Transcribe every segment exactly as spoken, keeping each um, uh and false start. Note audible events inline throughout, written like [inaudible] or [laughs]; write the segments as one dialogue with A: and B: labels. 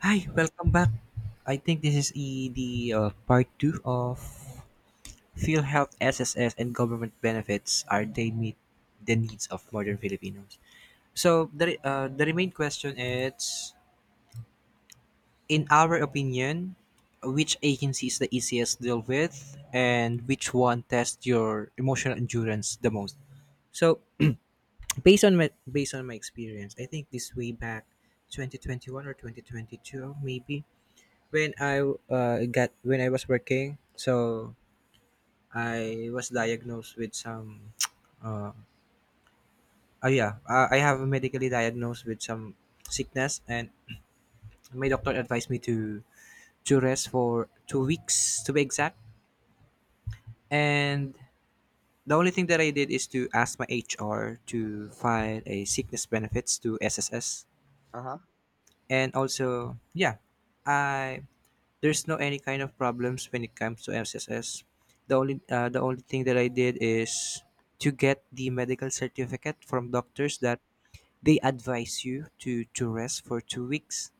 A: Hi, welcome back. I think this is e- the uh, part two of PhilHealth S S S and government benefits. Are they meet the needs of modern Filipinos? So the re- uh, the remain question is, in our opinion, which agency is the easiest to deal with, and which one tests your emotional endurance the most? So based on my based on my experience, I think this way back, twenty twenty one or twenty twenty two maybe, when I uh, got when I was working. So I was diagnosed with some. [tsk] Uh, oh yeah, uh, I have medically diagnosed with some sickness, and my doctor advised me to to rest for two weeks, to be exact. And the only thing that I did is to ask my H R to file a sickness benefits to S S S,
B: Uh huh.
A: and also, yeah, I there's no any kind of problems when it comes to S S S. The only uh, the only thing that I did is to get the medical certificate from doctors that they advise you to to rest for two weeks,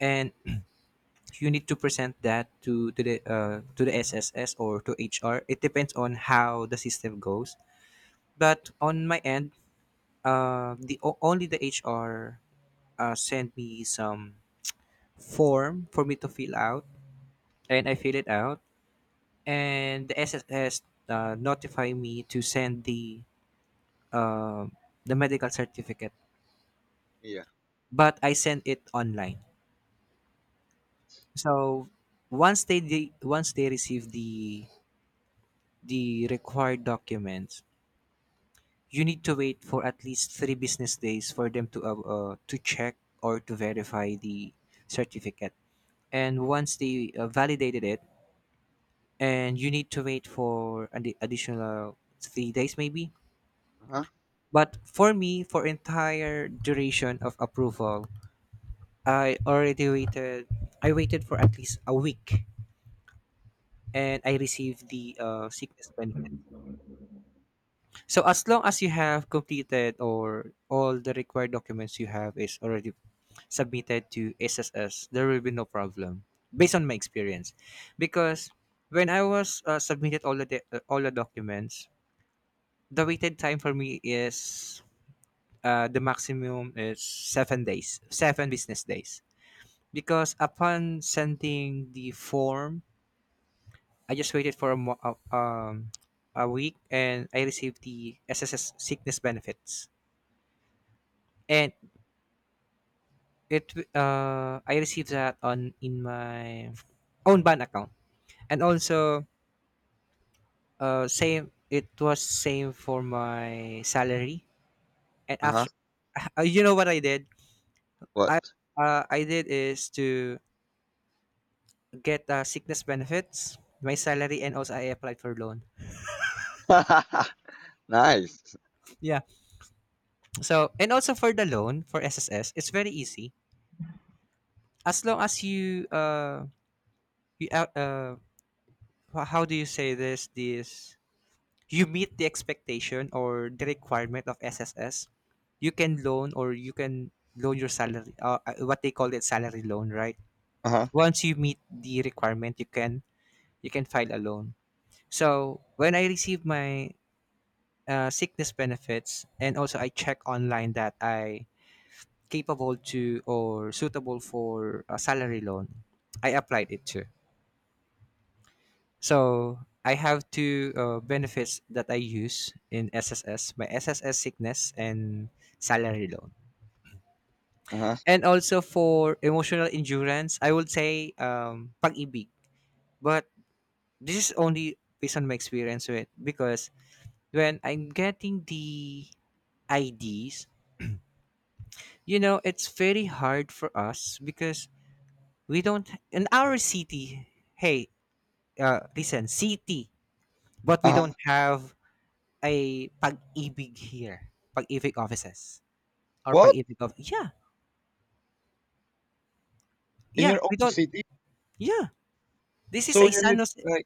A: and you need to present that to to the uh, to the S S S or to H R. It depends on how the system goes. But on my end, uh, the o- only the H R uh, sent me some form for me to fill out, and I fill it out and the S S S uh, notify me to send the uh, the medical certificate,
B: Yeah.
A: but I sent it online. So once they de- once they receive the the required documents, you need to wait for at least three business days for them to uh, uh, to check or to verify the certificate. And once they uh, validated it, and you need to wait for an additional three days, maybe.
B: Uh huh.
A: But for me, for entire duration of approval, I already waited. I waited for at least a week, and I received the uh, sickness benefit. So as long as you have completed or all the required documents you have is already submitted to S S S, there will be no problem. Based on my experience, because when I was uh, submitted all the de- uh, all the documents, the waited time for me is, uh, the maximum is seven days, seven business days, because upon sending the form, I just waited for a, mo- uh, um, a week and I received the S S S sickness benefits. And it uh, I received that on in my own bank account. And also, uh, same it was same for my salary. And
B: Uh huh.
A: after [laughs] uh, you know what I did? I
B: What?
A: uh, I did is to get uh, sickness benefits, my salary, and also I applied for loan.
B: [laughs] Nice.
A: Yeah. So and also for the loan for S S S, it's very easy, as long as you uh you out- uh ho- how do you say this this you meet the expectation or the requirement of S S S, you can loan, or you can loan your salary, uh, uh, what they call it, salary loan, right.
B: Uh huh.
A: Once you meet the requirement, you can you can file a loan. So when I received my uh, sickness benefits, and also I check online that I capable to or suitable for a salary loan, I applied it to. So I have two uh, benefits that I use in S S S, my S S S sickness and salary loan.
B: Uh huh.
A: And also for emotional endurance, I would say um, Pag-ibig. But this is only based on my experience with, because when I'm getting the I Ds, you know, it's very hard for us because we don't in our city. Hey, uh, listen, city, but we
B: Uh huh.
A: don't have a Pag-ibig here. Pag-ibig offices or
B: What?
A: Pag-ibig of— yeah,
B: In
A: yeah,
B: your
A: we
B: own
A: don't.
B: city?
A: Yeah. This is
B: So
A: a
B: you
A: San
B: need,
A: Jose.
B: like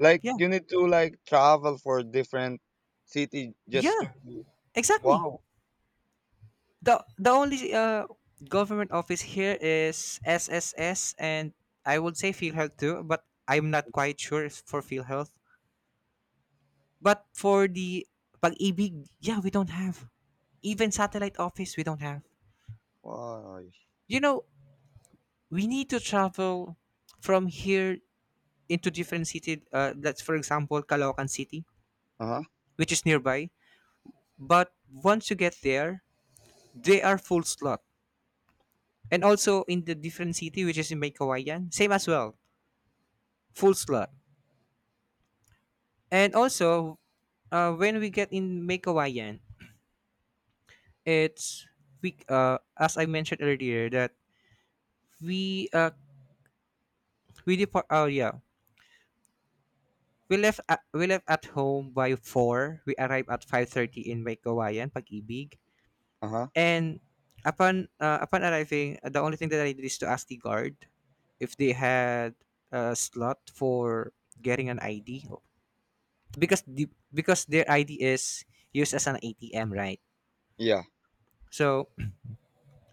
B: like
A: Yeah,
B: you need to, like, travel for different city just to.
A: yeah, exactly.
B: Wow.
A: The the only uh government office here is S S S, and I would say PhilHealth too, but I'm not quite sure if for PhilHealth. But for the Pag-ibig, yeah, we don't have. Even satellite office, we don't have.
B: Wow.
A: You know, we need to travel from here into different city. Uh, that's for example Caloocan City,
B: Uh huh.
A: which is nearby. But once you get there, they are full slot. And also in the different city, which is in Maykawayan, same as well, full slot. And also, uh, when we get in Maykawayan, it's we uh, as I mentioned earlier that we uh we depart. Oh yeah, we left at, we left at home by four. We arrive at five thirty in Maykawayan, Pag-ibig.
B: Uh huh.
A: And upon uh, upon arriving, uh, the only thing that I did is to ask the guard if they had a slot for getting an I D, because the because their I D is used as an A T M, right?
B: Yeah.
A: So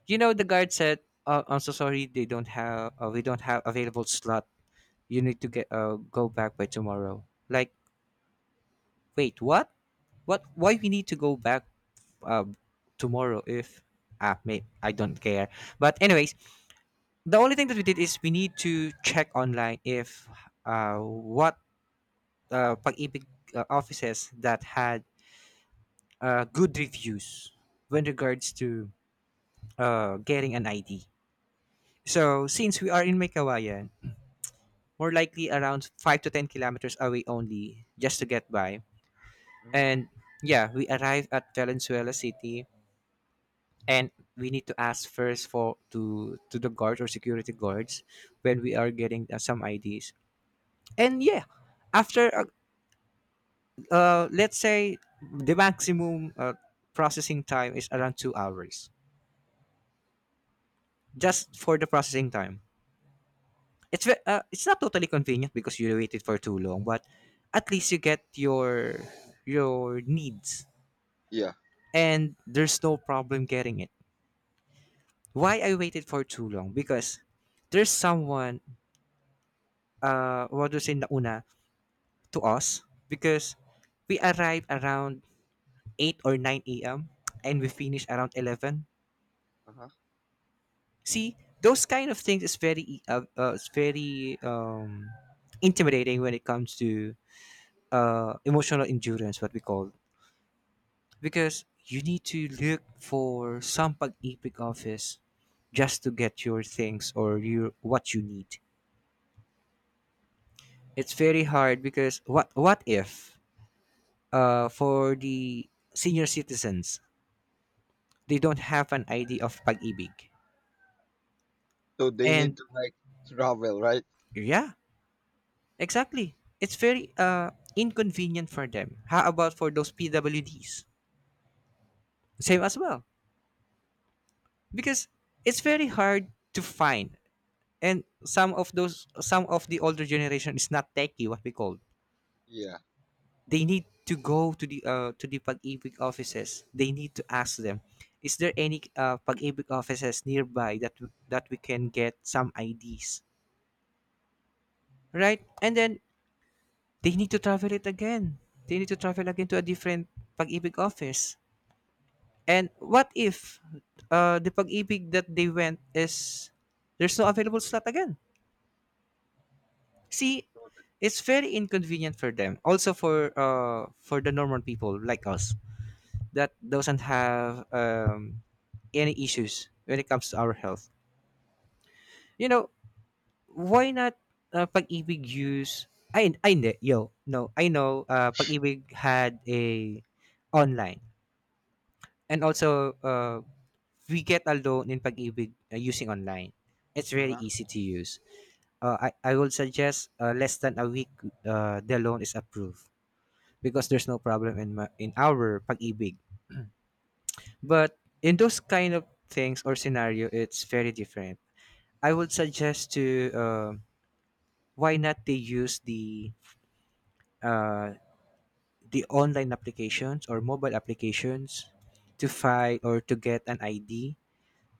A: you know the guard said, oh, "I'm so sorry, they don't have, uh, we don't have available slot. You need to get uh, go back by tomorrow." Like, wait, what? What? Why we need to go back uh, tomorrow, if? Ah, may I don't care. But anyways, the only thing that we did is we need to check online if, uh, what uh, Pag-ibig uh, offices that had uh, good reviews when regards to uh, getting an I D. So since we are in May Kawayan, more likely around five to ten kilometers away only, just to get by.
B: Hmm.
A: And yeah, we arrive at Valenzuela City, and we need to ask first for to to the guards or security guards when we are getting uh, some I Ds. And yeah, after a, uh, let's say the maximum uh, processing time is around two hours, just for the processing time. It's ve- uh, it's not totally convenient because you waited for too long, but at least you get your your needs,
B: Yeah.
A: and there's no problem getting it. Why I waited for too long? Because there's someone uh what was in nauna to us, because we arrived around eight or nine a m, and we finish around eleven.
B: Uh huh.
A: See, those kind of things is very e- uh, uh, it's very um, intimidating when it comes to uh, emotional endurance, what we call, because you need to look for some Pag-ibig office just to get your things or your what you need. It's very hard because what what if uh, for the senior citizens, they don't have an idea of Pag-ibig,
B: So they need
A: and
B: to, like, travel, right?
A: yeah, exactly. It's very uh, inconvenient for them. How about for those P W Ds? Same as well. Because it's very hard to find. And some of those some of the older generation is not techie, what we call.
B: Yeah.
A: They need to go to the uh, to the Pag-ibig offices. They need to ask them, is there any uh, Pag-ibig offices nearby that w- that we can get some I Ds, right? And then they need to travel it again. They need to travel again to a different Pag-ibig office. And what if uh, the Pag-ibig that they went is there's no available slot again? See, it's very inconvenient for them. Also for uh, for the normal people like us that doesn't have um, any issues when it comes to our health. You know, why not uh, Pag-ibig use I I hindi, yo. No, I know uh, Pag-ibig had a online, and also uh, we get a loan in Pag-ibig uh, using online. It's
B: Uh
A: very
B: huh.
A: easy to use. Uh, I, I would suggest uh, less than a week, uh, the loan is approved, because there's no problem in ma in our Pag-ibig. But in those kind of things or scenario, it's very different. I would suggest to uh, why not they use the uh, the online applications or mobile applications to file or to get an I D,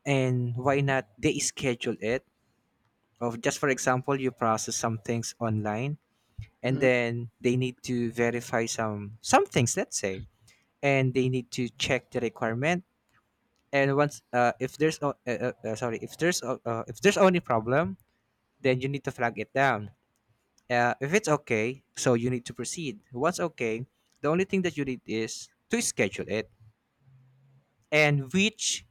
A: and why not they schedule it of, just for example, you process some things online, and
B: Hmm.
A: then they need to verify some some things, let's say, and they need to check the requirement. And once, uh, if there's no uh, uh, uh, sorry, if there's o- uh, if there's only problem, then you need to flag it down. Uh, if it's okay, so you need to proceed. Once okay, the only thing that you need is to schedule it and which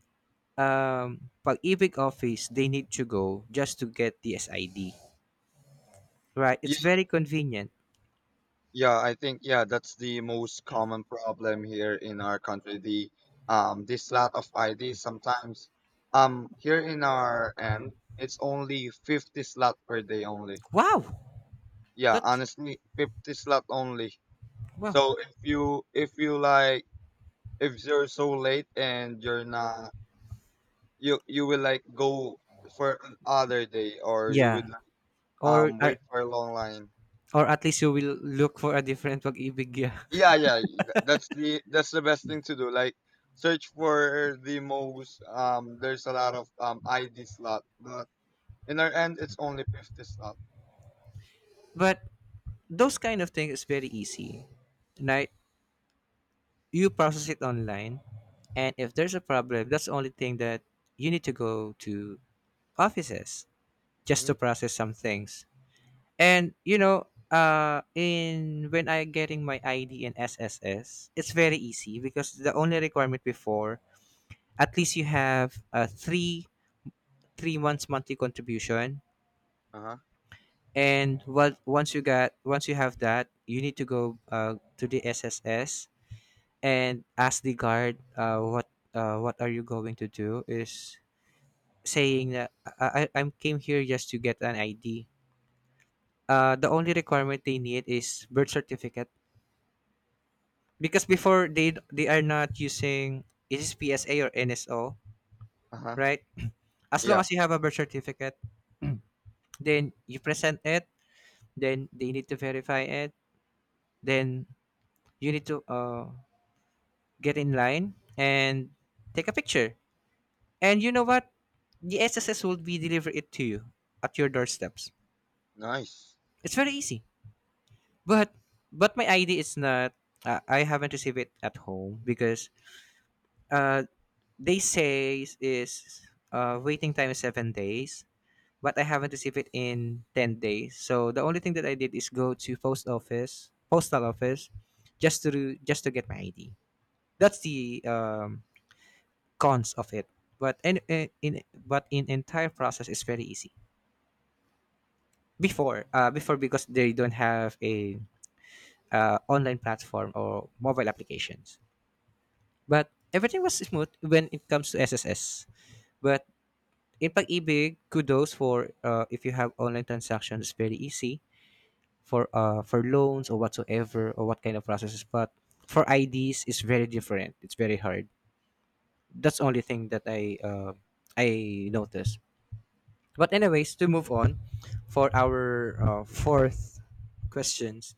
A: um Pag-ibig office they need to go just to get the S I D, right. It's very convenient.
B: Yeah, I think, yeah, that's the most common problem here in our country. The um this lot of I D, sometimes, um here in our end, it's only fifty slot per day only.
A: Wow.
B: Yeah,
A: That's
B: honestly, fifty slot only.
A: wow.
B: So if you if you like, if you're so late and you're not, you you will, like, go for another day, or you
A: Yeah,
B: would, like,
A: or
B: um
A: uh,
B: wait for a long line.
A: or at least you will look for a different Pag-ibig. Yeah.
B: Yeah, yeah, th- that's the that's the best thing to do, like, search for the most, um there's a lot of um I D slot, but in our end it's only fifty slot.
A: [laughs] But those kind of things is very easy. Right? You process it online, and if there's a problem, that's the only thing that you need to go to offices just to
B: Hmm.
A: process some things. And you know, uh, in when I getting my I D and S S S, it's very easy because the only requirement before, at least you have a three three months monthly contribution.
B: Uh-huh.
A: And what once you got once you have that, you need to go uh, to the sss and ask the guard, uh, what uh, what are you going to do, is saying that i i I came here just to get an id. Uh, the only requirement they need is birth certificate, because before they they are not using is this psa or nso,
B: Uh-huh.
A: right? As long
B: Yeah.
A: as you have a birth certificate, then you present it, then they need to verify it, then you need to uh get in line and take a picture. And you know what? The S S S will be deliver it to you at your doorsteps.
B: Nice.
A: It's very easy. But but my I D is not. Uh, I haven't received it at home because uh, they say is uh, waiting time is seven days, but I haven't received it in ten days. So the only thing that I did is go to post office, postal office, just to just to get my I D. That's the um, cons of it. But in, in but in entire process is very easy before. Uh, before because they don't have a uh, online platform or mobile applications, but everything was smooth when it comes to sss. But in pag-ibig, kudos for uh, if you have online transactions, it's very easy for uh, for loans or whatsoever or what kind of processes. But for ids, it's very different, it's very hard. That's the only thing that i uh, i noticed. But anyways, to move on for our uh, fourth questions.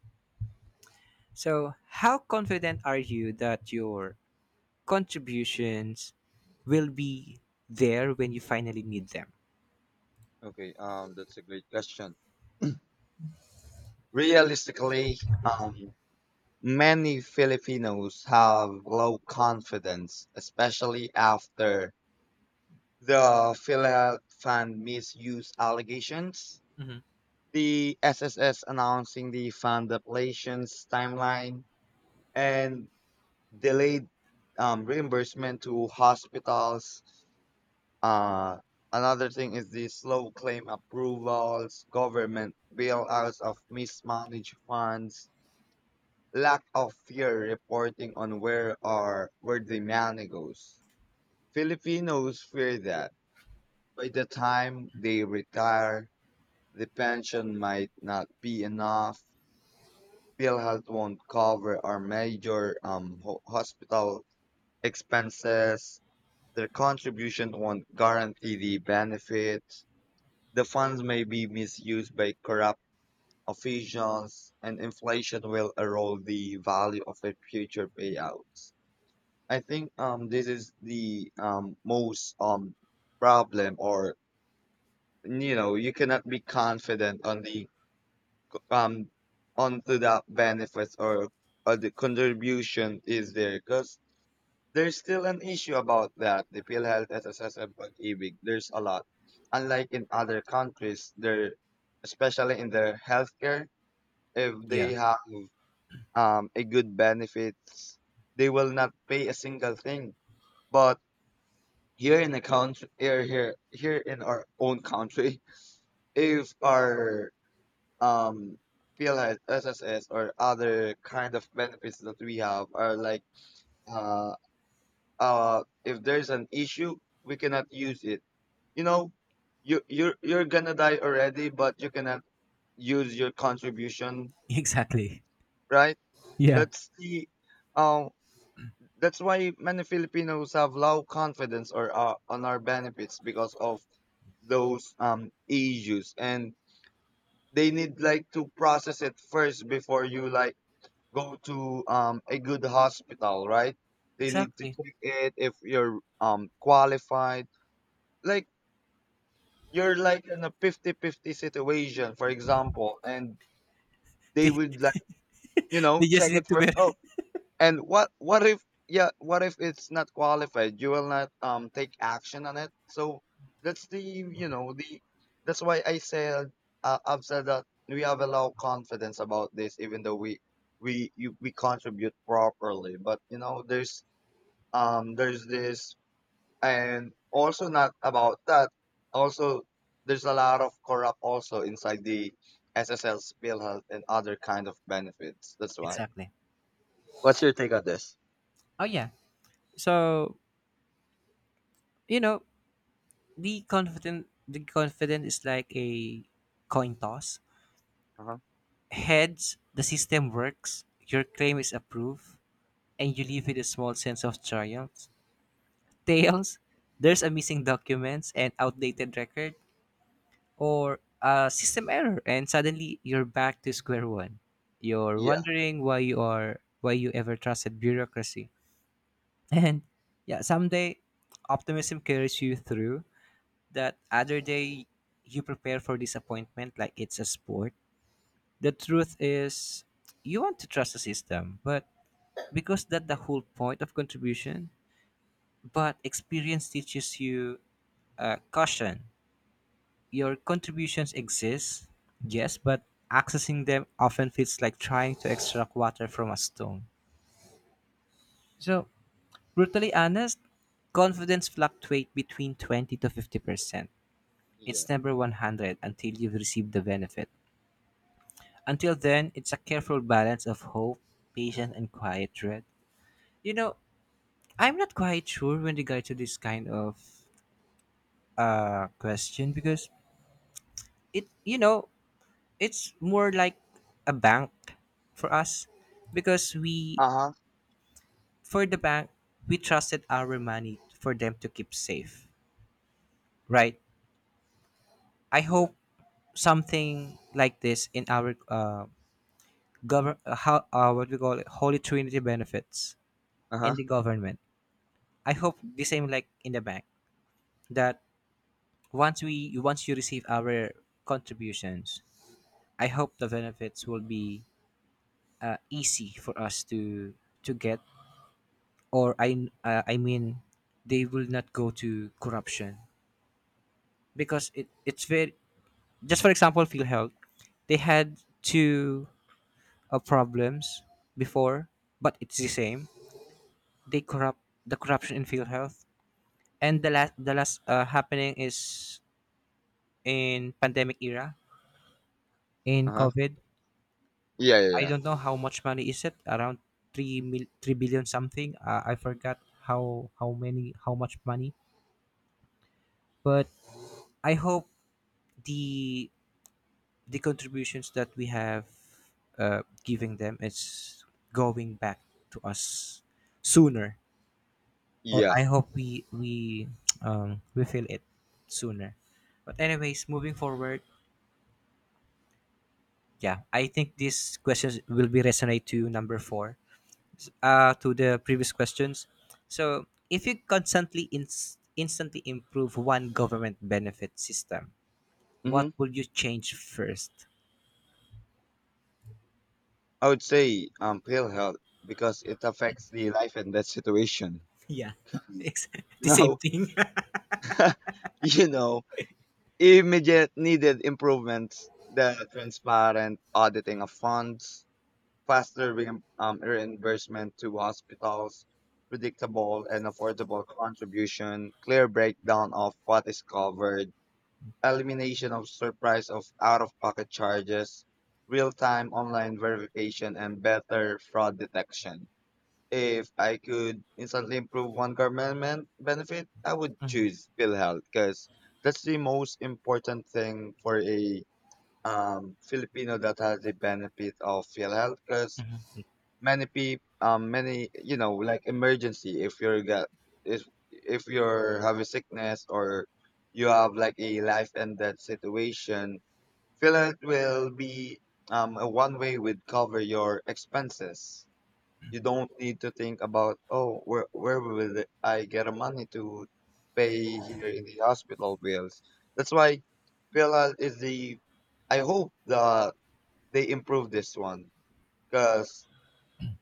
A: So, how confident are you that your contributions will be there when you finally need them?
B: Okay, um that's a great question. Realistically, um many Filipinos have low confidence, especially after the philfan misuse allegations,
A: Hmm.
B: the S S S announcing the fund appellations timeline, and delayed, um, reimbursement to hospitals. Uh, another thing is the slow claim approvals, government bailouts of mismanaged funds, lack of fair reporting on where are where the money goes. Filipinos fear that by the time they retire, the pension might not be enough, PhilHealth won't cover our major, um, ho- hospital expenses. Their contribution won't guarantee the benefits. The funds may be misused by corrupt officials, and inflation will erode the value of their future payouts. I think, um, this is the, um, most, um, problem, or you know, you cannot be confident on the, um onto that benefits, or or the contribution is there, because there's still an issue about that. The PhilHealth, S S S, and pag-ibig, there's a lot, unlike in other countries there, especially in their healthcare. If
A: Yeah.
B: they have, um a good benefits, they will not pay a single thing. But here in the country, here here here in our own country, [laughs] if our, um P L S, S S S, or other kind of benefits that we have are like, uh uh if there's an issue, we cannot use it. You know, you you're you're gonna die already, but you cannot use your contribution,
A: [laughs] Exactly.
B: right?
A: Yeah.
B: That's the um that's why many Filipinos have low confidence, or uh, on our benefits, because of those, um issues, and they need, like, to process it first before you, like, go to, um, a good hospital, right? They need to
A: Exactly. [laughs]
B: check it if you're, um, qualified. Like, you're like in a fifty-fifty situation, for example, and they
A: They,
B: would, like, you know
A: they just
B: check
A: need
B: it
A: to be.
B: first.
A: [laughs]
B: Oh. And what what if, yeah, what if it's not qualified? You will not, um take action on it. So that's the you know the that's why I said uh, I've said that we have a low confidence about this, even though we we you, we contribute properly. But, you know there's um there's this, and also not about that. Also, there's a lot of corrupt also inside the S S L spill and other kind of benefits. That's why.
A: Exactly.
B: What's your take on this?
A: Oh yeah. So you know, the confident the confident is like a coin toss.
B: Uh-huh.
A: Heads, the system works. Your claim is approved, and you leave with a small sense of triumph. Tails, there's a missing documents and outdated record or a system error, and suddenly you're back to square one. You're
B: Yeah.
A: wondering why you are why you ever trusted bureaucracy. [laughs] And yeah, someday optimism carries you through. That other day you prepare for disappointment like it's a sport. The truth is, you want to trust the system, but because that's the whole point of contribution. But experience teaches you uh, caution. Your contributions exist, yes, but accessing them often feels like trying to extract water from a stone. So, brutally honest, confidence fluctuates between twenty to fifty percent.
B: Yeah.
A: It's never one hundred until you've received the benefit. Until then, it's a careful balance of hope, patience, and quiet dread. You know, I'm not quite sure when regard to this kind of uh, question, because it, you know, it's more like a bank for us. Because we,
B: Uh-huh.
A: for the bank, we trusted our money for them to keep safe, right? I
B: Yeah.
A: hope something like this in our uh, govern uh, how uh, what we call it, holy trinity benefits in
B: Uh-huh.
A: the government. I hope the same like in the bank, that once we once you receive our contributions, I hope the benefits will be uh, easy for us to to get. Or I uh, I mean, they will not go to corruption, because it, it's very, just for example field health. They had two uh, problems before, but it's the same, they corrupt. The corruption in field health, and the last the last uh, happening is in pandemic era, in
B: Uh-huh.
A: covid.
B: Yeah, yeah,
A: I
B: yeah.
A: don't know how much money is it. Around three mil three billion something. uh, I forgot how how many how much money. But I hope the the contributions that we have uh, giving them is going back to us sooner. Or
B: Yeah.
A: I hope we we [tsk] um, we feel it sooner. But anyways, moving forward, yeah, I think these questions will be resonate to number four, uh to the previous questions. So if you constantly ins instantly improve one government benefit system, what
B: Mm-hmm.
A: will you change first?
B: I would say, um pale health, because it affects the life and death situation.
A: Yeah. [laughs]
B: [laughs]
A: It's the same
B: No.
A: thing.
B: [laughs] you know, Immediate needed improvements, the transparent auditing of funds, faster, re- um, reimbursement to hospitals, predictable and affordable contribution, clear breakdown of what is covered, elimination of surprise of out-of-pocket charges, real-time online verification, and better fraud detection. If I could instantly improve one government benefit, I would choose PhilHealth, because that's the most important thing for a, um, Filipino that has the benefit of PhilHealth, because many people, um many, you know like, emergency. If you're got if if you're have a sickness, or you have, like, a life and death situation, Philip will be, um a one way would cover your expenses. You don't need to think about, oh, where where will I get the money to pay here in the hospital bills. That's why Philip is the— I hope that they improve this one, because.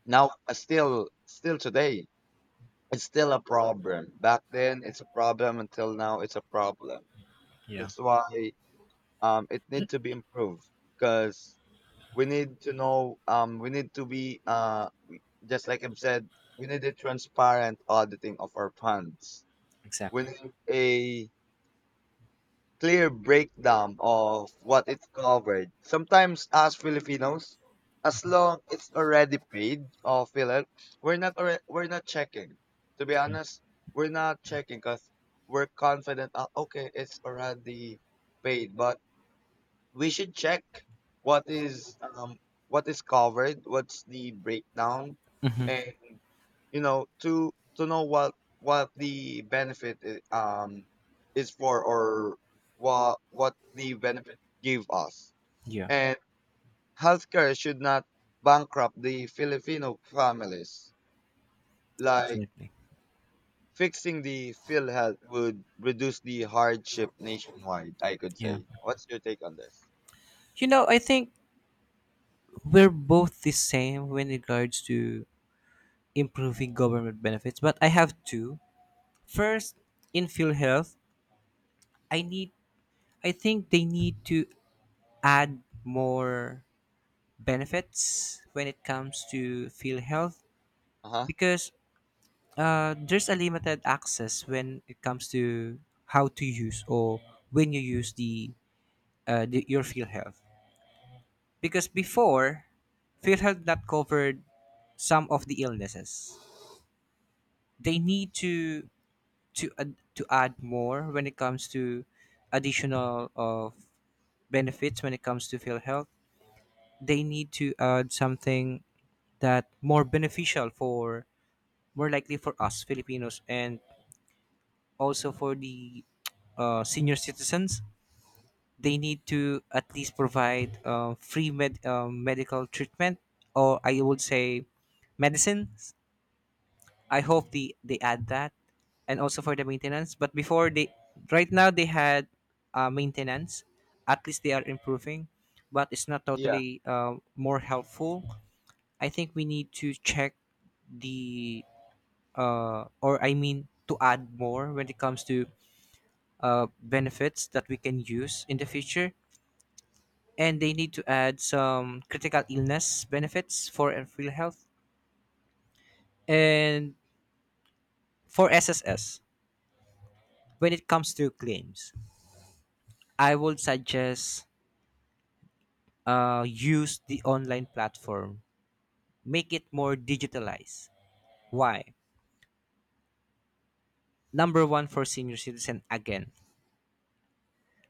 B: Now, uh, still, still today, it's still a problem. Back then, it's a problem. Until now, it's a problem.
A: [laughs] Yeah.
B: That's why, um, it need to be improved, because we need to know. Um, we need to be, uh, just like I've said, we need a transparent auditing of our funds. We
A: Exactly.
B: need a clear breakdown of what it covered. Sometimes as Filipinos, as long it's already paid or filled, we're not alre- we're not checking. To be honest, we're not checking, because we're confident. Uh, okay, it's already paid, but we should check what is, um what is covered, what's the breakdown,
A: Hmm.
B: and you know to to know what what the benefit, i- um is for, or what what the benefit give us.
A: Yeah,
B: And healthcare should not bankrupt the Filipino families, like
A: exactly.
B: fixing the field health would reduce the hardship nationwide, I could
A: Yeah.
B: say. What's your take on this?
A: You know, I think we're both the same when regards to improving government benefits, but I have two. First, in field health, I need I think they need to add more benefits when it comes to field health,
B: Uh-huh.
A: because uh, there's a limited access when it comes to how to use, or when you use the, uh, the your field health. Because before, PhilHealth not covered some of the illnesses. They need to to add, to add more when it comes to additional of benefits when it comes to PhilHealth. They need to add something that more beneficial for, more likely for us Filipinos, and also for the uh, senior citizens. They need to at least provide uh, free med- um medical treatment, or I would say medicine. I hope they they add that, and also for the maintenance. But before they, right now they had uh, maintenance. At least they are improving, but it's not
B: Yeah.
A: totally uh, more helpful. I think we need to check the, uh, or I mean to add more when it comes to uh, benefits that we can use in the future. And they need to add some critical illness benefits for uh, real health, and for S S S when it comes to claims, I would suggest uh, use the online platform. Make it more digitalized. Why? Number one, for senior citizen again.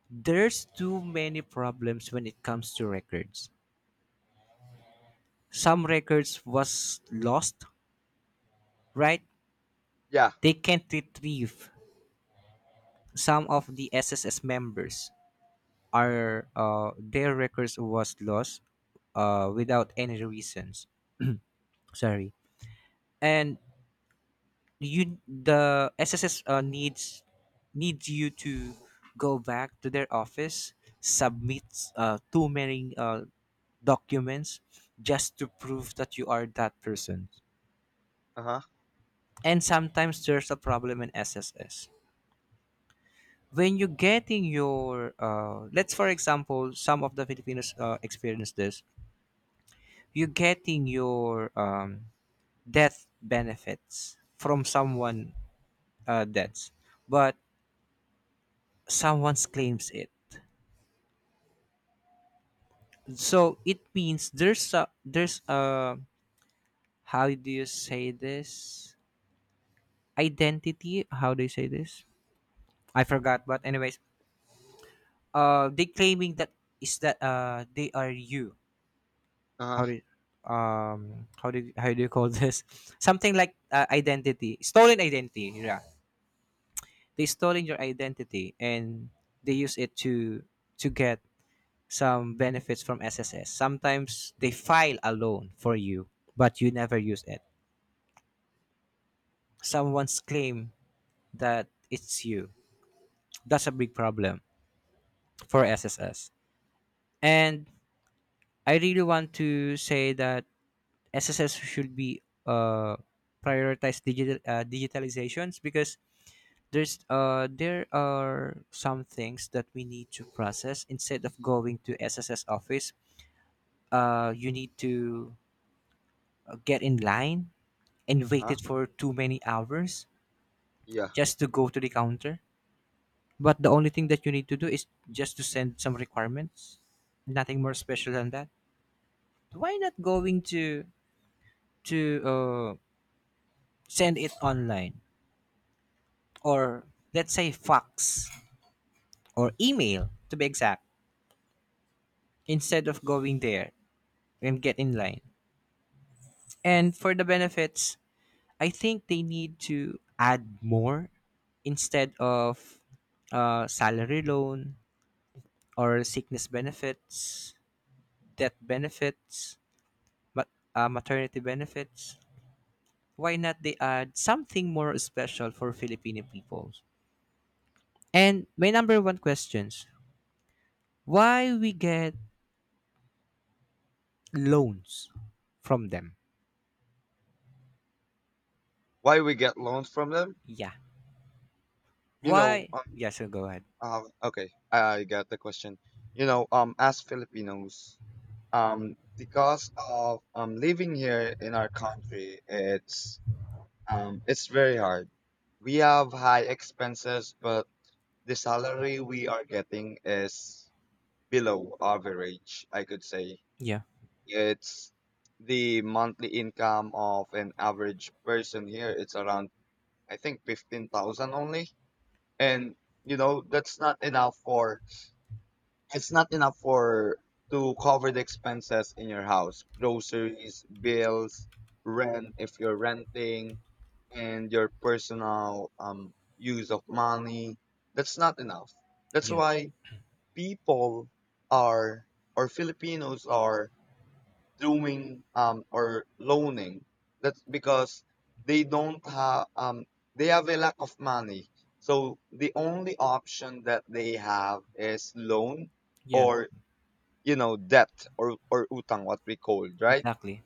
A: There's too many problems when it comes to records. Some records was lost, right?
B: Yeah.
A: They can't retrieve. Some of the S S S members are, uh, their records was lost uh, without any reasons. Sorry. And you, the S S S uh, needs needs you to go back to their office, submit uh, too many uh, documents just to prove that you are that person.
B: Uh-huh.
A: And sometimes there's a problem in S S S. When you're getting your, uh, let's for example, some of the Filipinos uh, experience this. You're getting your um, death benefits from someone uh, deaths, but someone claims it. So it means there's a there's a how do you say this, identity? How do you say this? I forgot. But anyways, uh, they claiming that is that uh they are you.
B: Uh
A: How do
B: huh.
A: you, um how do you, how do you call this? [laughs] Something like uh, identity, stolen identity. Yeah, they stolen your identity and they use it to to get some benefits from S S S. Sometimes they file a loan for you, but you never use it, someone's claim that it's you. That's a big problem for S S S. And I really want to say that S S S should be uh, prioritize digital uh, digitalizations, because there's uh there are some things that we need to process instead of going to S S S office. Uh, you need to uh, get in line and
B: Uh-huh.
A: waited for too many hours
B: Yeah.
A: just to go to the counter. But the only thing that you need to do is just to send some requirements. Nothing more special than that. Why not going to to uh, send it online, or let's say fax or email to be exact, instead of going there and get in line. And for the benefits, I think they need to add more instead of uh, salary loan or sickness benefits, death benefits, ma- uh, maternity benefits. Why not they add something more special for Filipino people? And my number one questions, why we get loans from them?
B: Why we get loans from them?
A: Yeah.
B: You know.
A: Why?
B: Um,
A: Yeah, so go ahead.
B: uh, okay, I got the question. You know. Um. As Filipinos, um, because of, um living here in our country, it's um, it's very hard. We have high expenses, but the salary we are getting is below average, I could say.
A: Yeah.
B: It's the monthly income of an average person here. It's around, I think, fifteen thousand only, and you know that's not enough for, it's not enough for to cover the expenses in your house, groceries, bills, rent if you're renting, and your personal, um use of money. That's not enough. That's
A: Yeah.
B: why people are, or Filipinos are, doing, um, or loaning. That's because they don't have, um, they have a lack of money. So the only option that they have is loan,
A: Yeah.
B: or you know debt, or or utang, what we call, right.
A: Exactly.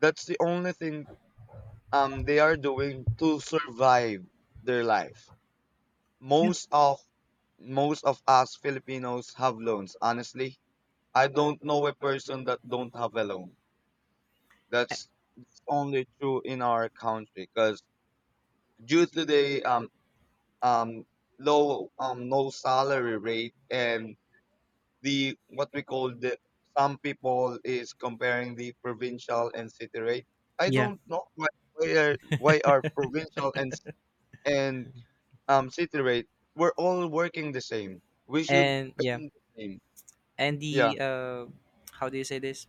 B: That's the only thing, um, they are doing to survive their life.
A: Yeah.
B: Most of most of us Filipinos have loans. Honestly, I don't know a person that don't have a loan.
A: A-
B: That's only true in our country, because due to the, um, um, low, um, low salary rate, and the, what we call, the some people is comparing the provincial and city rate. I
A: Yeah.
B: don't know why why are, why are provincial and and um city rate. We're all working the same. We should
A: And yeah.
B: earn the same.
A: And
B: Yeah.
A: the uh, how do you say this?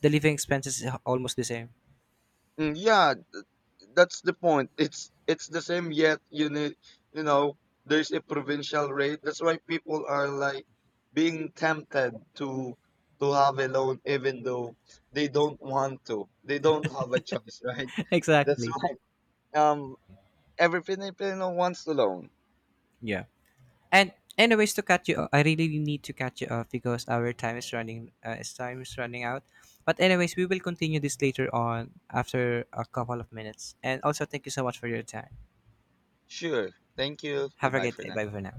A: The living expenses is almost the same.
B: Mm, yeah. That's the point. It's it's the same, yet you need, you know there's a provincial rate. That's why people are, like, being tempted to to have a loan, even though they don't want to. They don't have a choice. [laughs] Right?
A: [laughs]
B: That's
A: Exactly.
B: why, um every Filipino wants to loan.
A: Yeah. And anyways, to cut you, I really need to cut you off because our time is running. Uh, is Time is running out. But anyways, we will continue this later on after a couple of minutes. And also, thank you so much for your time.
B: Sure. Thank you.
A: Have a
B: Goodbye
A: great
B: for
A: day.
B: now.
A: Bye for now.